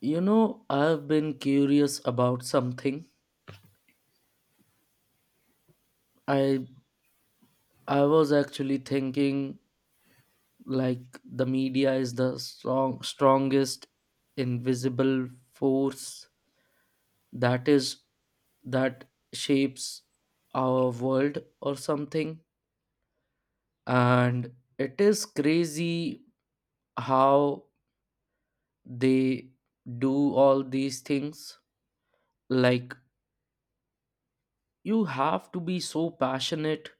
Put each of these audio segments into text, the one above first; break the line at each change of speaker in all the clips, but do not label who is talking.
You know, I've been curious about something. I I was actually thinking like the media is the strongest invisible force that is that shapes our world or something, and it is crazy how they do all these things. Like, you have to be so passionate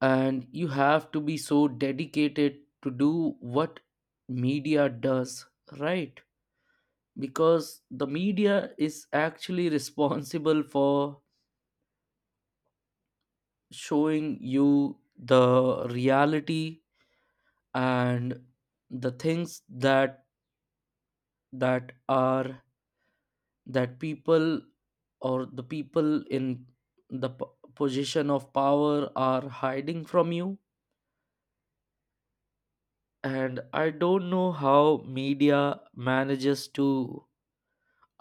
and you have to be so dedicated to do what media does, right? Because the media is actually responsible for showing you the reality and the things that are that people, or the people in the p- position of power, are hiding from you. And I don't know how media manages to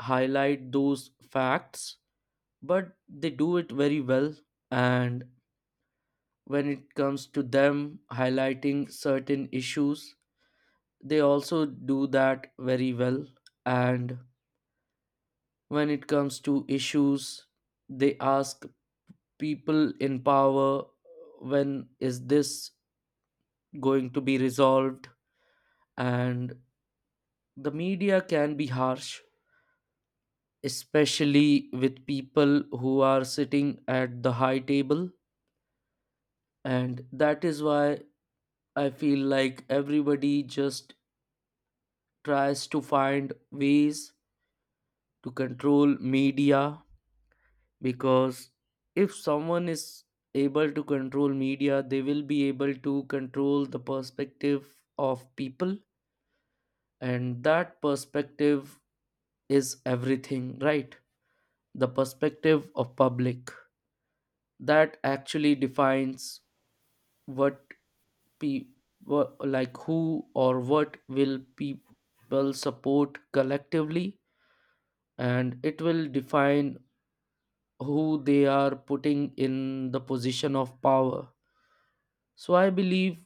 highlight those facts, but they do it very well. And when it comes to them highlighting certain issues, they also do that very well. And when it comes to issues, they ask people in power, when is this going to be resolved? And the media can be harsh, especially with people who are sitting at the high table, and that is why I feel like everybody just tries to find ways to control media. Because if someone is able to control media, they will be able to control the perspective of people, and that perspective is everything, right? The perspective of public, that actually defines what pe- who or what will people support collectively, and it will define who they are putting in the position of power. So I believe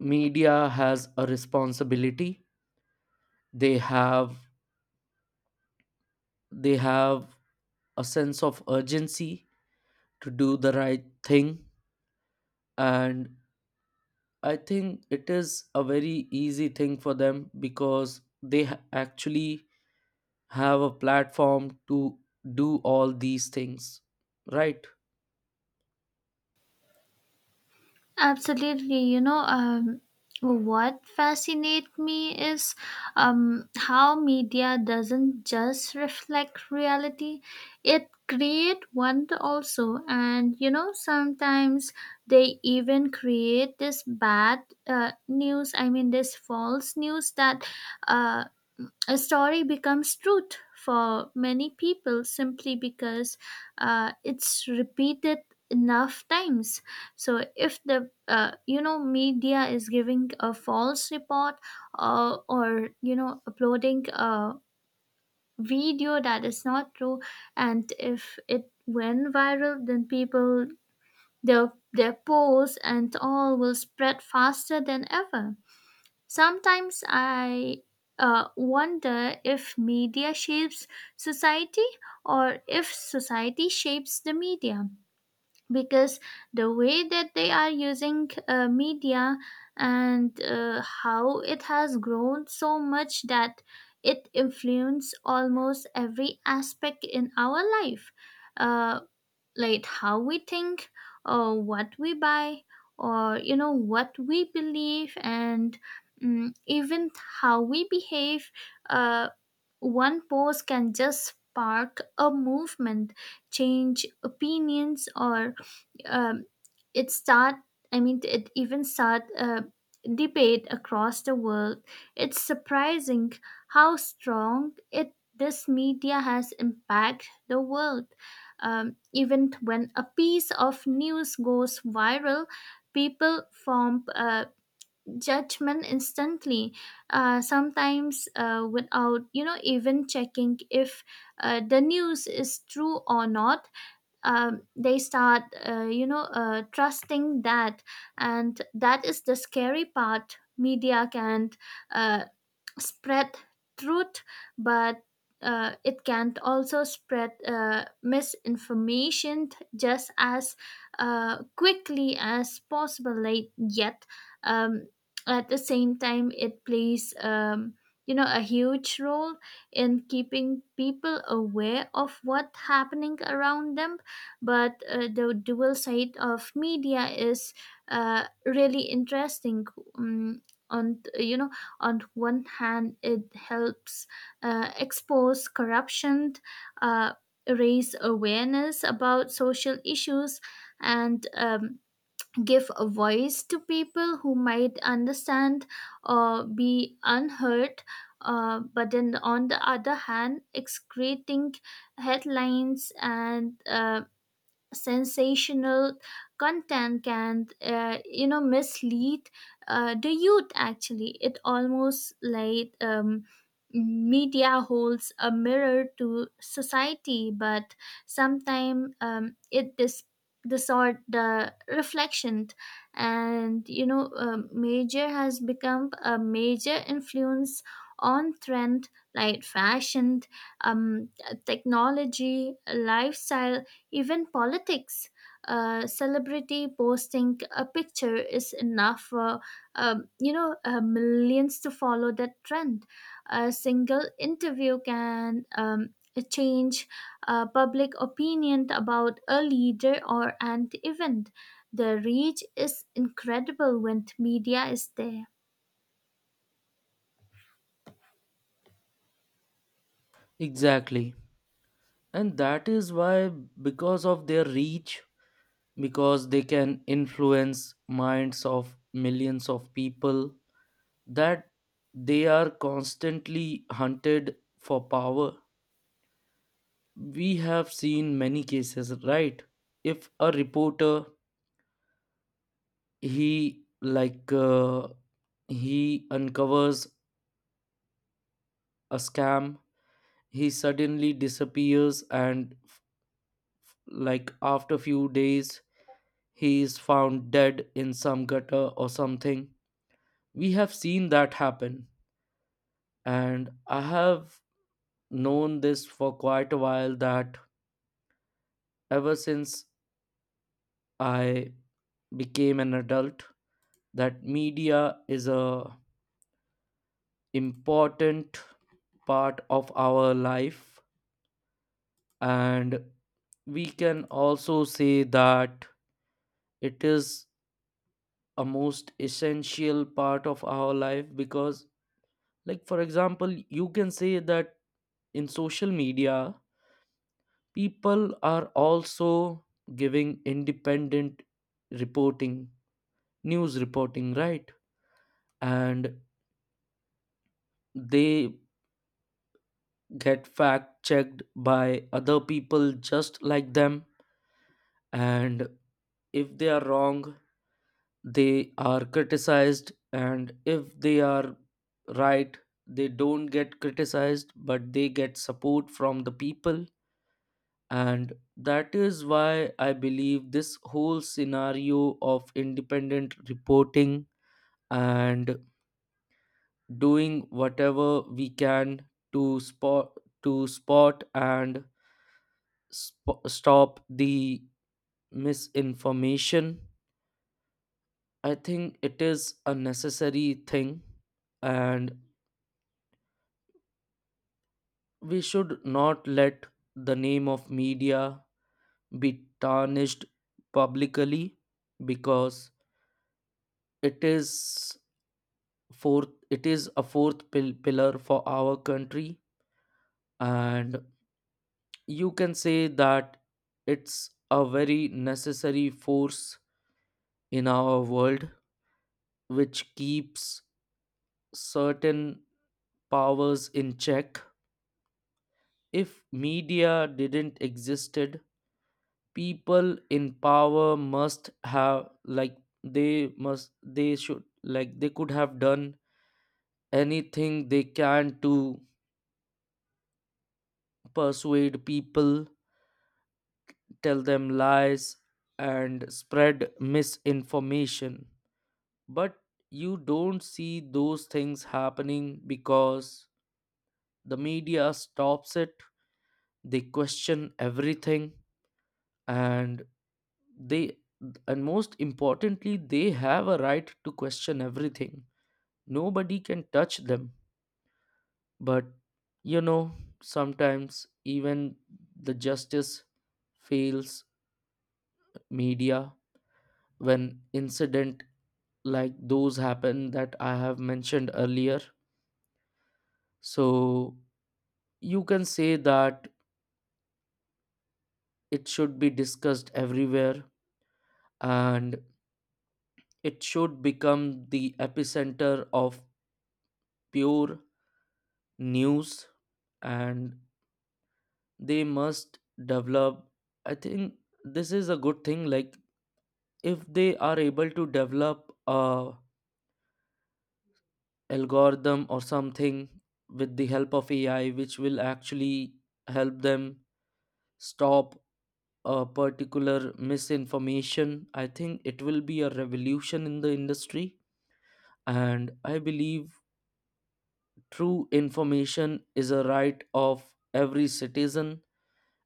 media has a responsibility. They have they have a sense of urgency to do the right thing. And I think it is a very easy thing for them because they actually have a platform to do all these things, right?
Absolutely. What fascinates me is how media doesn't just reflect reality, it create one also. And, you know, sometimes they even create this bad news, I mean, this false news that uh, a story becomes truth for many people simply because it's repeated enough times. So if the you know media is giving a false report or you know uploading a video that is not true, and if it went viral, then people, their posts and all, will spread faster than ever. Sometimes I wonder if media shapes society or if society shapes the media, because the way that they are using media and how it has grown so much that it influences almost every aspect in our life. Uh, like how we think, or what we buy, or you know what we believe, and even how we behave. uh, One post can just spark a movement, change opinions, or um, it start it even start a debate across the world. It's surprising how strong it this media has impacted the world. Even when a piece of news goes viral, people form judgment instantly, sometimes without you know even checking if the news is true or not. They start you know trusting that, and that is the scary part. Media can uh, spread truth, but it can also spread misinformation just as quickly as possible. Late yet, um, at the same time, it plays you know a huge role in keeping people aware of what's happening around them. But the dual side of media is really interesting. Um, on you know On one hand, it helps expose corruption, uh, raise awareness about social issues, and give a voice to people who might understand or be unheard. But then, on the other hand, excreting headlines and sensational content can you know mislead the youth. Actually, it almost like media holds a mirror to society, but sometimes it distort the reflection. And you know, major has become a major influence on trend, like fashion, um, technology, lifestyle, even politics. Celebrity posting a picture is enough for you know millions to follow that trend. A single interview can change public opinion about a leader or an event. The reach is incredible when media is there.
Exactly. And that is why, because of their reach, because they can influence minds of millions of people, that they are constantly hunted for power. We have seen many cases, right? If a reporter, he like uh, he uncovers a scam, he suddenly disappears, and like after few days he is found dead in some gutter or something. We have seen that happen. And I have known this for quite a while, that ever since I became an adult, that media is a important part of our life. And we can also say that it is a most essential part of our life, because like for example, you can say that in social media people are also giving independent reporting, news reporting, right? And they get fact checked by other people just like them, and if they are wrong they are criticized, and if they are right they don't get criticized but they get support from the people. And that is why I believe this whole scenario of independent reporting and doing whatever we can to spot to spot and stop the misinformation, I think it is a necessary thing. And we should not let the name of media be tarnished publicly, because it is a fourth pillar for our country. And you can say that it's a very necessary force in our world, which keeps certain powers in check. If media didn't existed, people in power must have, like, they must they should like they could have done anything they can to persuade people, tell them lies, and spread misinformation. But you don't see those things happening because the media stops it. They question everything, and they and most importantly, they have a right to question everything. Nobody can touch them. But you know, sometimes even the justice fails media, when incident like those happen that I have mentioned earlier. So you can say that it should be discussed everywhere, and it should become the epicenter of pure news. And they must develop, I think this is a good thing, like if they are able to develop a algorithm or something with the help of AI, which will actually help them stop a particular misinformation, I think it will be a revolution in the industry. And I believe true information is a right of every citizen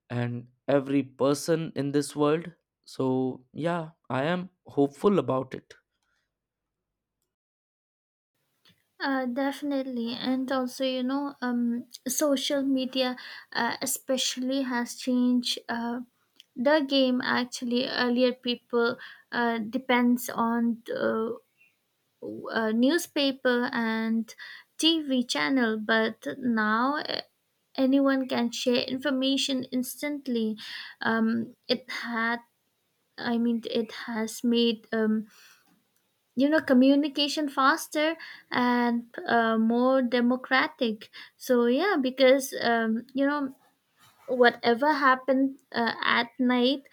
and every person in this world. So yeah, I am hopeful about it.
Definitely, and also you know, social media especially has changed the game. Actually, earlier people depends on newspaper and TV channel, but now anyone can share information instantly. Um, it had, I mean, it has made you know communication faster and more democratic. So yeah, because you know, whatever happened at night,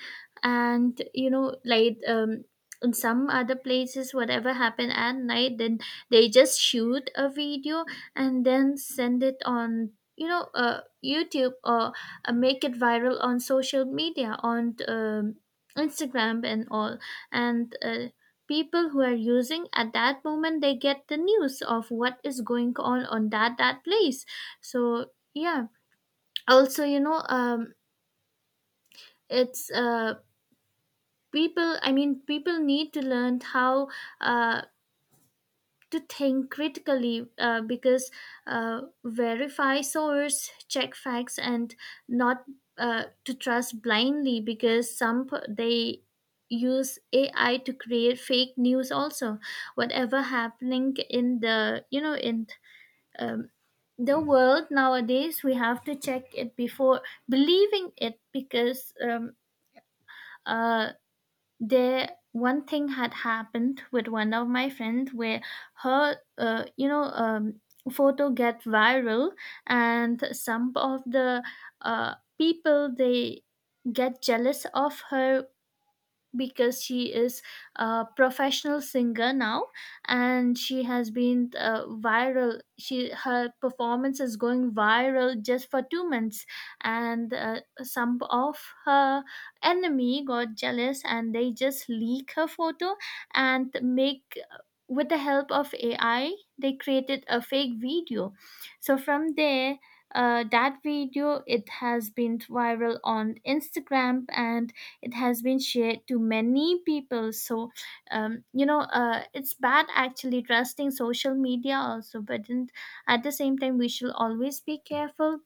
and you know like in some other places, whatever happened at night, then they just shoot a video and then send it on you know youtube, or make it viral on social media, on instagram and all. And people who are using at that moment, they get the news of what is going on that place. So yeah, also you know it's people I mean people need to learn how uh, to think critically, because verify source, check facts, and not to trust blindly, because some they use AI to create fake news also. Whatever happening in the you know in um, the world nowadays, we have to check it before believing it, because uh, there one thing had happened with one of my friends, where her you know photo get viral, and some of the people, they get jealous of her because she is a professional singer now, and she has been viral, she her performance is going viral just for 2 months. And some of her enemy got jealous, and they just leak her photo and make with the help of AI, they created a fake video. So from there, that video, it has been viral on instagram, and it has been shared to many people. So you know it's bad actually trusting social media also, but then at the same time we should always be careful,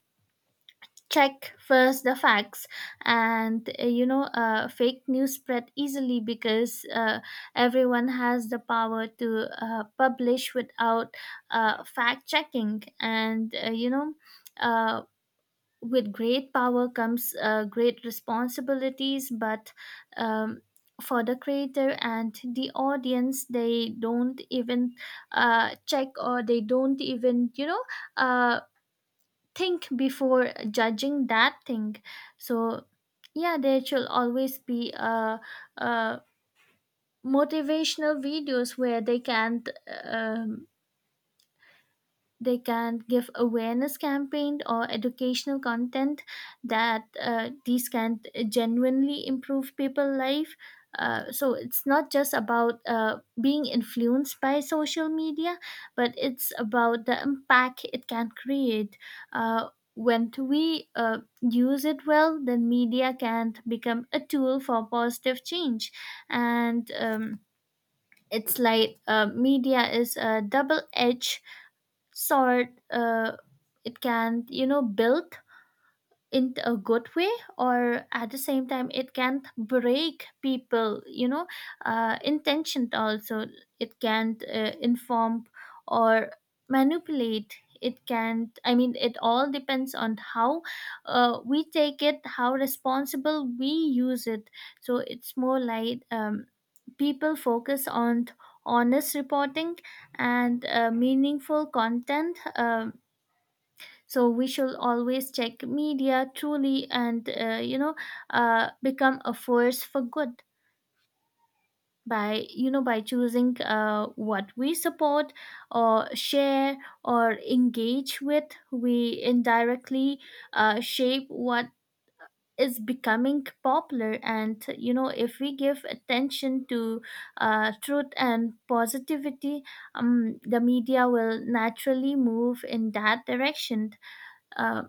check first the facts. And you know fake news spread easily because everyone has the power to publish without fact checking. And you know uh, with great power comes great responsibilities, but um, for the creator and the audience, they don't even check, or they don't even you know uh, think before judging that thing. So yeah, there should always be uh, motivational videos where they can give awareness campaign or educational content, that these can genuinely improve people's life. So it's not just about being influenced by social media, but it's about the impact it can create. Uh, when we use it well, then media can become a tool for positive change. And it's like media is a double edged sort, it can you know build in a good way, or at the same time it can break people, you know, intention also. It can inform or manipulate. It can i mean it all depends on how we take it, how responsible we use it. So it's more like people focus on honest reporting and meaningful content. So we should always check media truly, and you know become a force for good. By you know by choosing what we support, or share, or engage with, we indirectly shape what is becoming popular. And you know, if we give attention to truth and positivity, the media will naturally move in that direction. uh,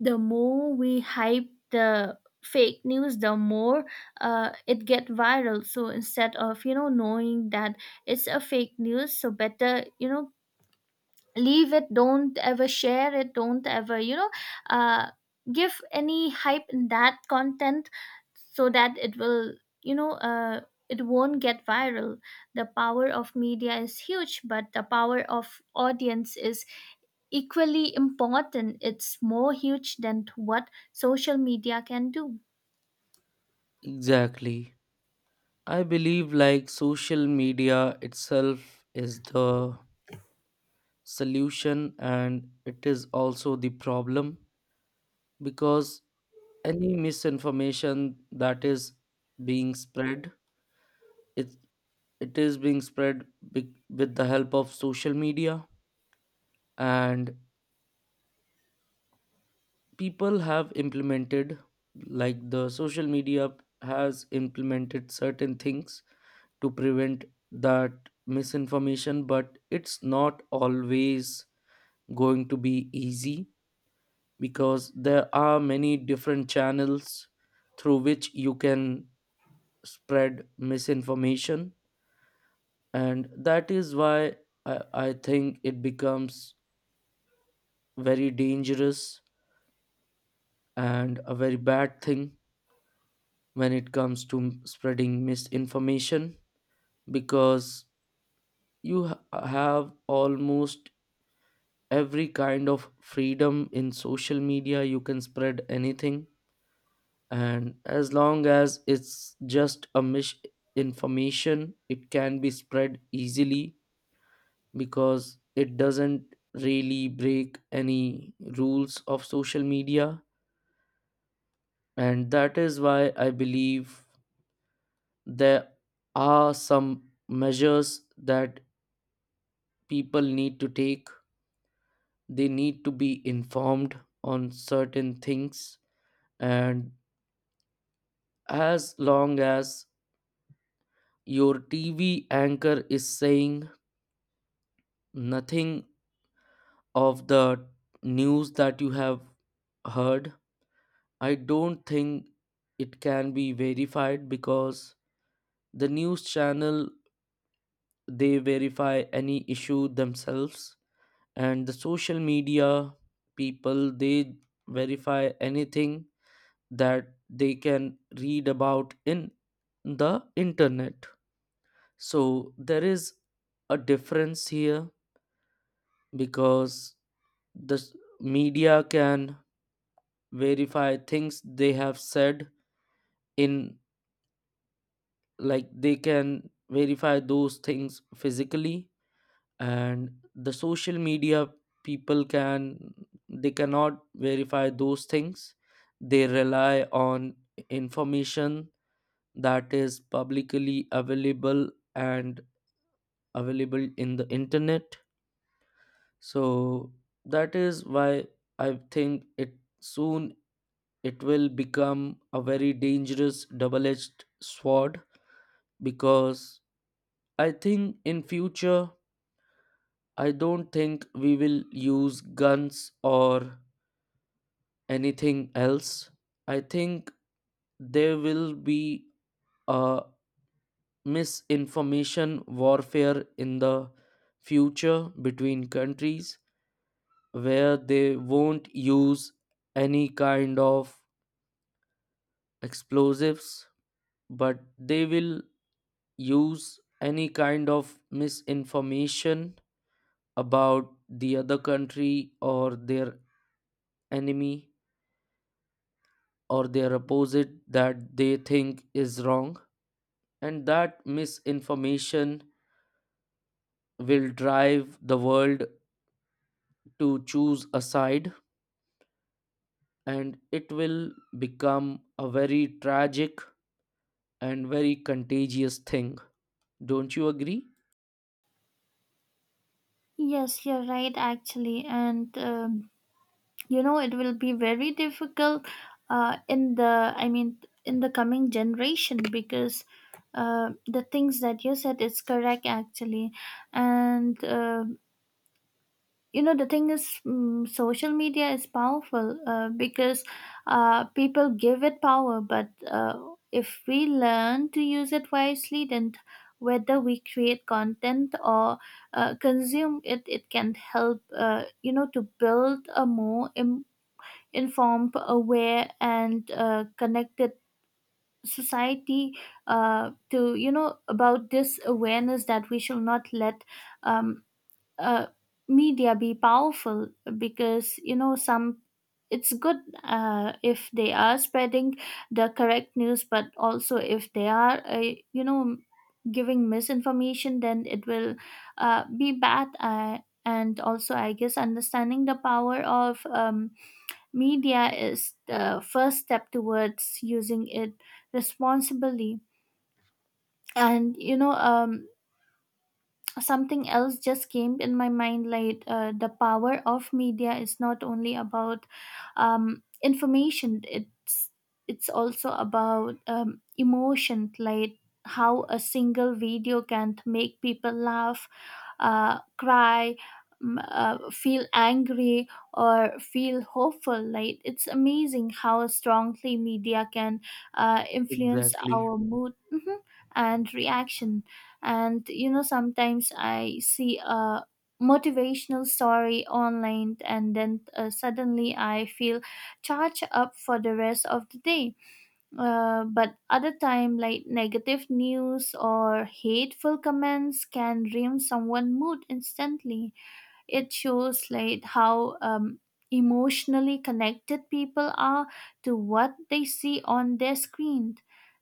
the more we hype the fake news, the more it get viral. So instead of you know knowing that it's a fake news, so better you know leave it, don't ever share it, don't ever you know uh, give any hype in that content, so that it will you know it won't get viral. The power of media is huge, but the power of audience is equally important. It's more huge than what social media can do.
Exactly. I believe like social media itself is the solution and it is also the problem because any misinformation that is being spread it it is being spread be- with the help of social media and people have implemented like the social media has implemented certain things to prevent that misinformation but it's not always going to be easy because there are many different channels through which you can spread misinformation and that is why I think it becomes very dangerous and a very bad thing when it comes to m- spreading misinformation because you ha- have almost every kind of freedom in social media you can spread anything and as long as it's just a misinformation it can be spread easily because it doesn't really break any rules of social media and that is why I believe there are some measures that people need to take they need to be informed on certain things and as long as your TV anchor is saying nothing of the news that you have heard, I don't think it can be verified because the news channel they verify any issue themselves and the social media people they verify anything that they can read about in the internet So there is a difference here because the s- media can verify things they have said in like they can verify those things physically and the social media people can they cannot verify those things they rely on information that is publicly available and available in the internet So that is why I think it soon it will become a very dangerous double-edged sword because I think in future I don't think we will use guns or anything else. I think there will be a misinformation warfare in the future between countries where they won't use any kind of explosives but they will use any kind of misinformation about the other country or their enemy or their opposite that they think is wrong and that misinformation will drive the world to choose a side and it will become a very tragic and very contagious thing Don't you agree?
Yes, you're right, actually. And, you know, it will be very difficult I mean, in the coming generation, because the things that you said is correct, actually. And, you know, the thing is, social media is powerful because people give it power, but if we learn to use it wisely, then whether we create content or consume it, it can help, you know, to build a more informed, aware, and connected society. To you know about this awareness, that we should not let um, uh, media be powerful, because you know some it's good if they are spreading the correct news, but also if they are you know giving misinformation, then it will be bad. And also I guess understanding the power of media is the first step towards using it responsibly. And you know, something else just came in my mind, like the power of media is not only about information, it's also about emotion, like how a single video can make people laugh, cry, feel angry, or feel hopeful. Like, it's amazing how strongly media can influence
Exactly.
our mood, mhm, and reaction. And you know, sometimes I see a motivational story online, and then suddenly I feel charged up for the rest of the day. But other time, like negative news or hateful comments can ruin someone's mood instantly. It shows like how emotionally connected people are to what they see on their screen.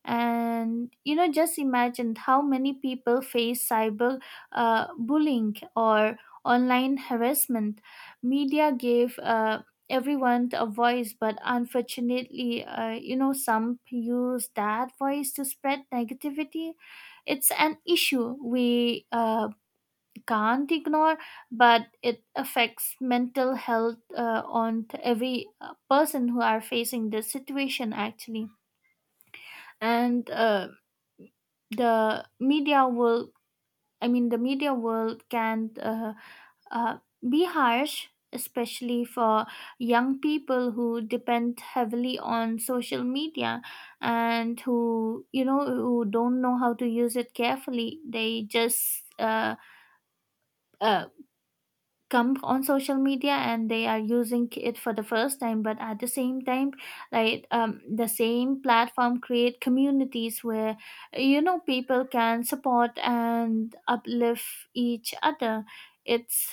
And you know, just imagine how many people face cyber bullying or online harassment. Media gave everyone a voice, but unfortunately, you know, some use that voice to spread negativity. It's an issue we can't ignore, but it affects mental health on to every person who are facing this situation actually. And the media will, I mean, the media world can uh, be harsh, especially for young people who depend heavily on social media, and who don't know how to use it carefully. They just uh, come on social media, and they are using it for the first time. But at the same time, right, the same platform create communities where you know people can support and uplift each other. It's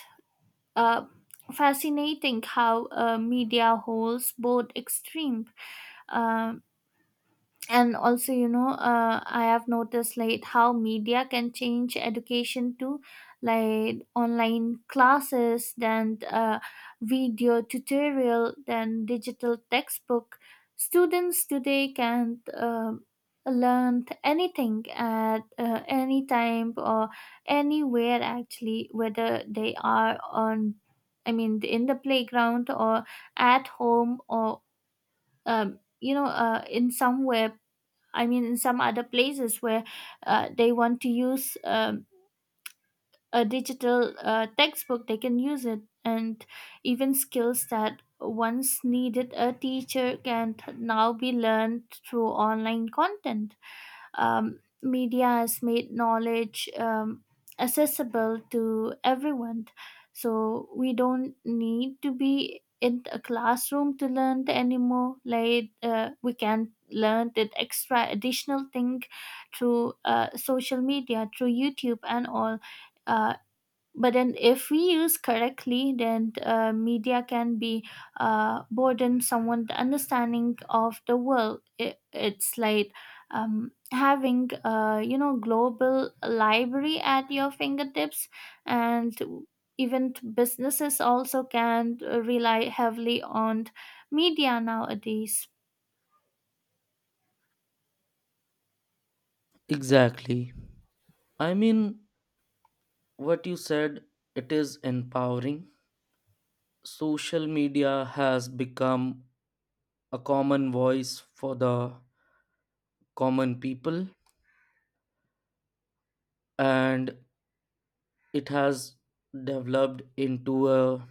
uh, fascinating how media holds both extreme. um, and also you know, I have noticed, like how media can change education too, like online classes, then video tutorial, then digital textbook. Students today can learn anything at any time or anywhere actually, whether they are on I mean in the playground, or at home, or you know, in somewhere I mean, in some other places, where they want to use a digital textbook, they can use it. And even skills that once needed a teacher can now be learned through online content. Media has made knowledge accessible to everyone. So we don't need to be in a classroom to learn anymore. Like, we can learn that extra additional thing through social media, through YouTube and all. Uh, but then if we use correctly, then media can be broaden someone the understanding of the world. It's like having you know global library at your fingertips. And even businesses also can rely heavily on media nowadays.
Exactly. I mean, what you said, it is empowering. Social media has become a common voice for the common people, and it has developed into a,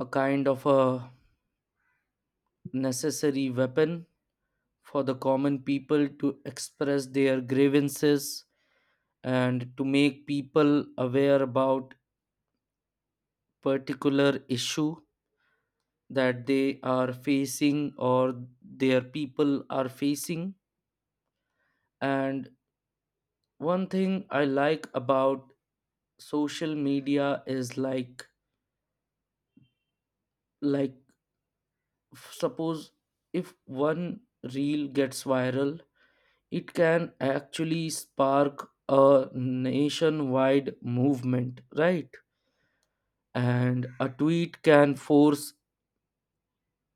a kind of a necessary weapon for the common people to express their grievances and to make people aware about particular issue that they are facing or their people are facing. And one thing I like about social media is like suppose if one reel gets viral, it can actually spark a nationwide movement, right? And a tweet can force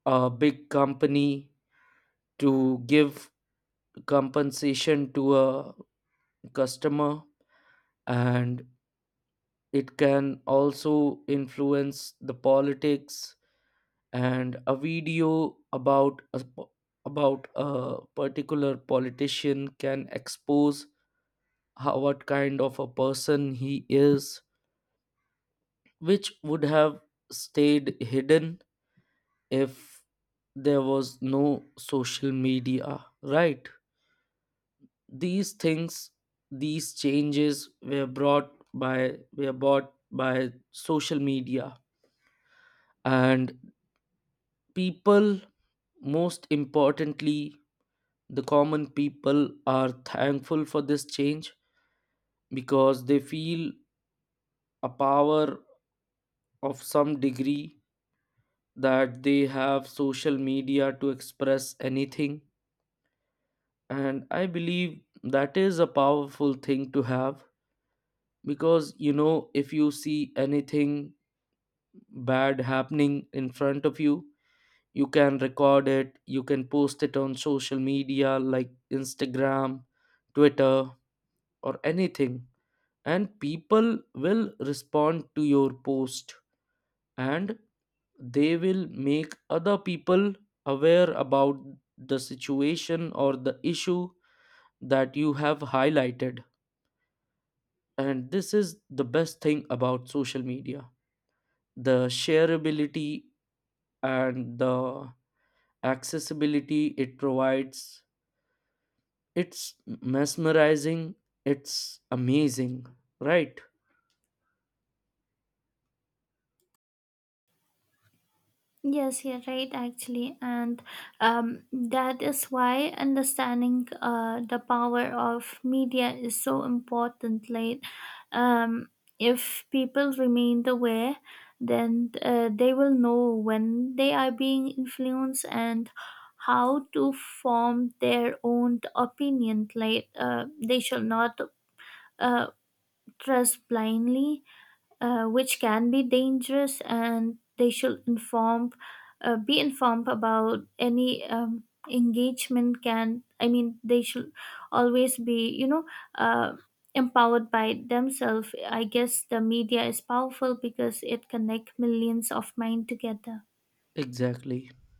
a big company to give compensation to a customer. And it can also influence the politics, and a video about about a particular politician can expose how, what kind of a person he is, which would have stayed hidden if there was no social media, right? These things, these changes were brought by social media. And people, most importantly, the common people are thankful for this change, because they feel a power of some degree, that they have social media to express anything. And I believe that is a powerful thing to have, because you know, if you see anything bad happening in front of you, you can record it, you can post it on social media like Instagram, Twitter, or anything, and people will respond to your post, and they will make other people aware about the situation or the issue that you have highlighted. And this is the best thing about social media, the shareability and the accessibility it provides. It's mesmerizing, it's amazing, right?
Yes, you're right, actually, and that is why understanding the power of media is so important. Like, um, if people remain aware, then they will know when they are being influenced, and how to form their own opinion. Like, they shall not uh, trust blindly, which can be dangerous, and they should be informed about any engagement. Can I mean, they should always be you know uh, empowered by themselves. I guess the media is powerful because it connects millions of mind together.
exactly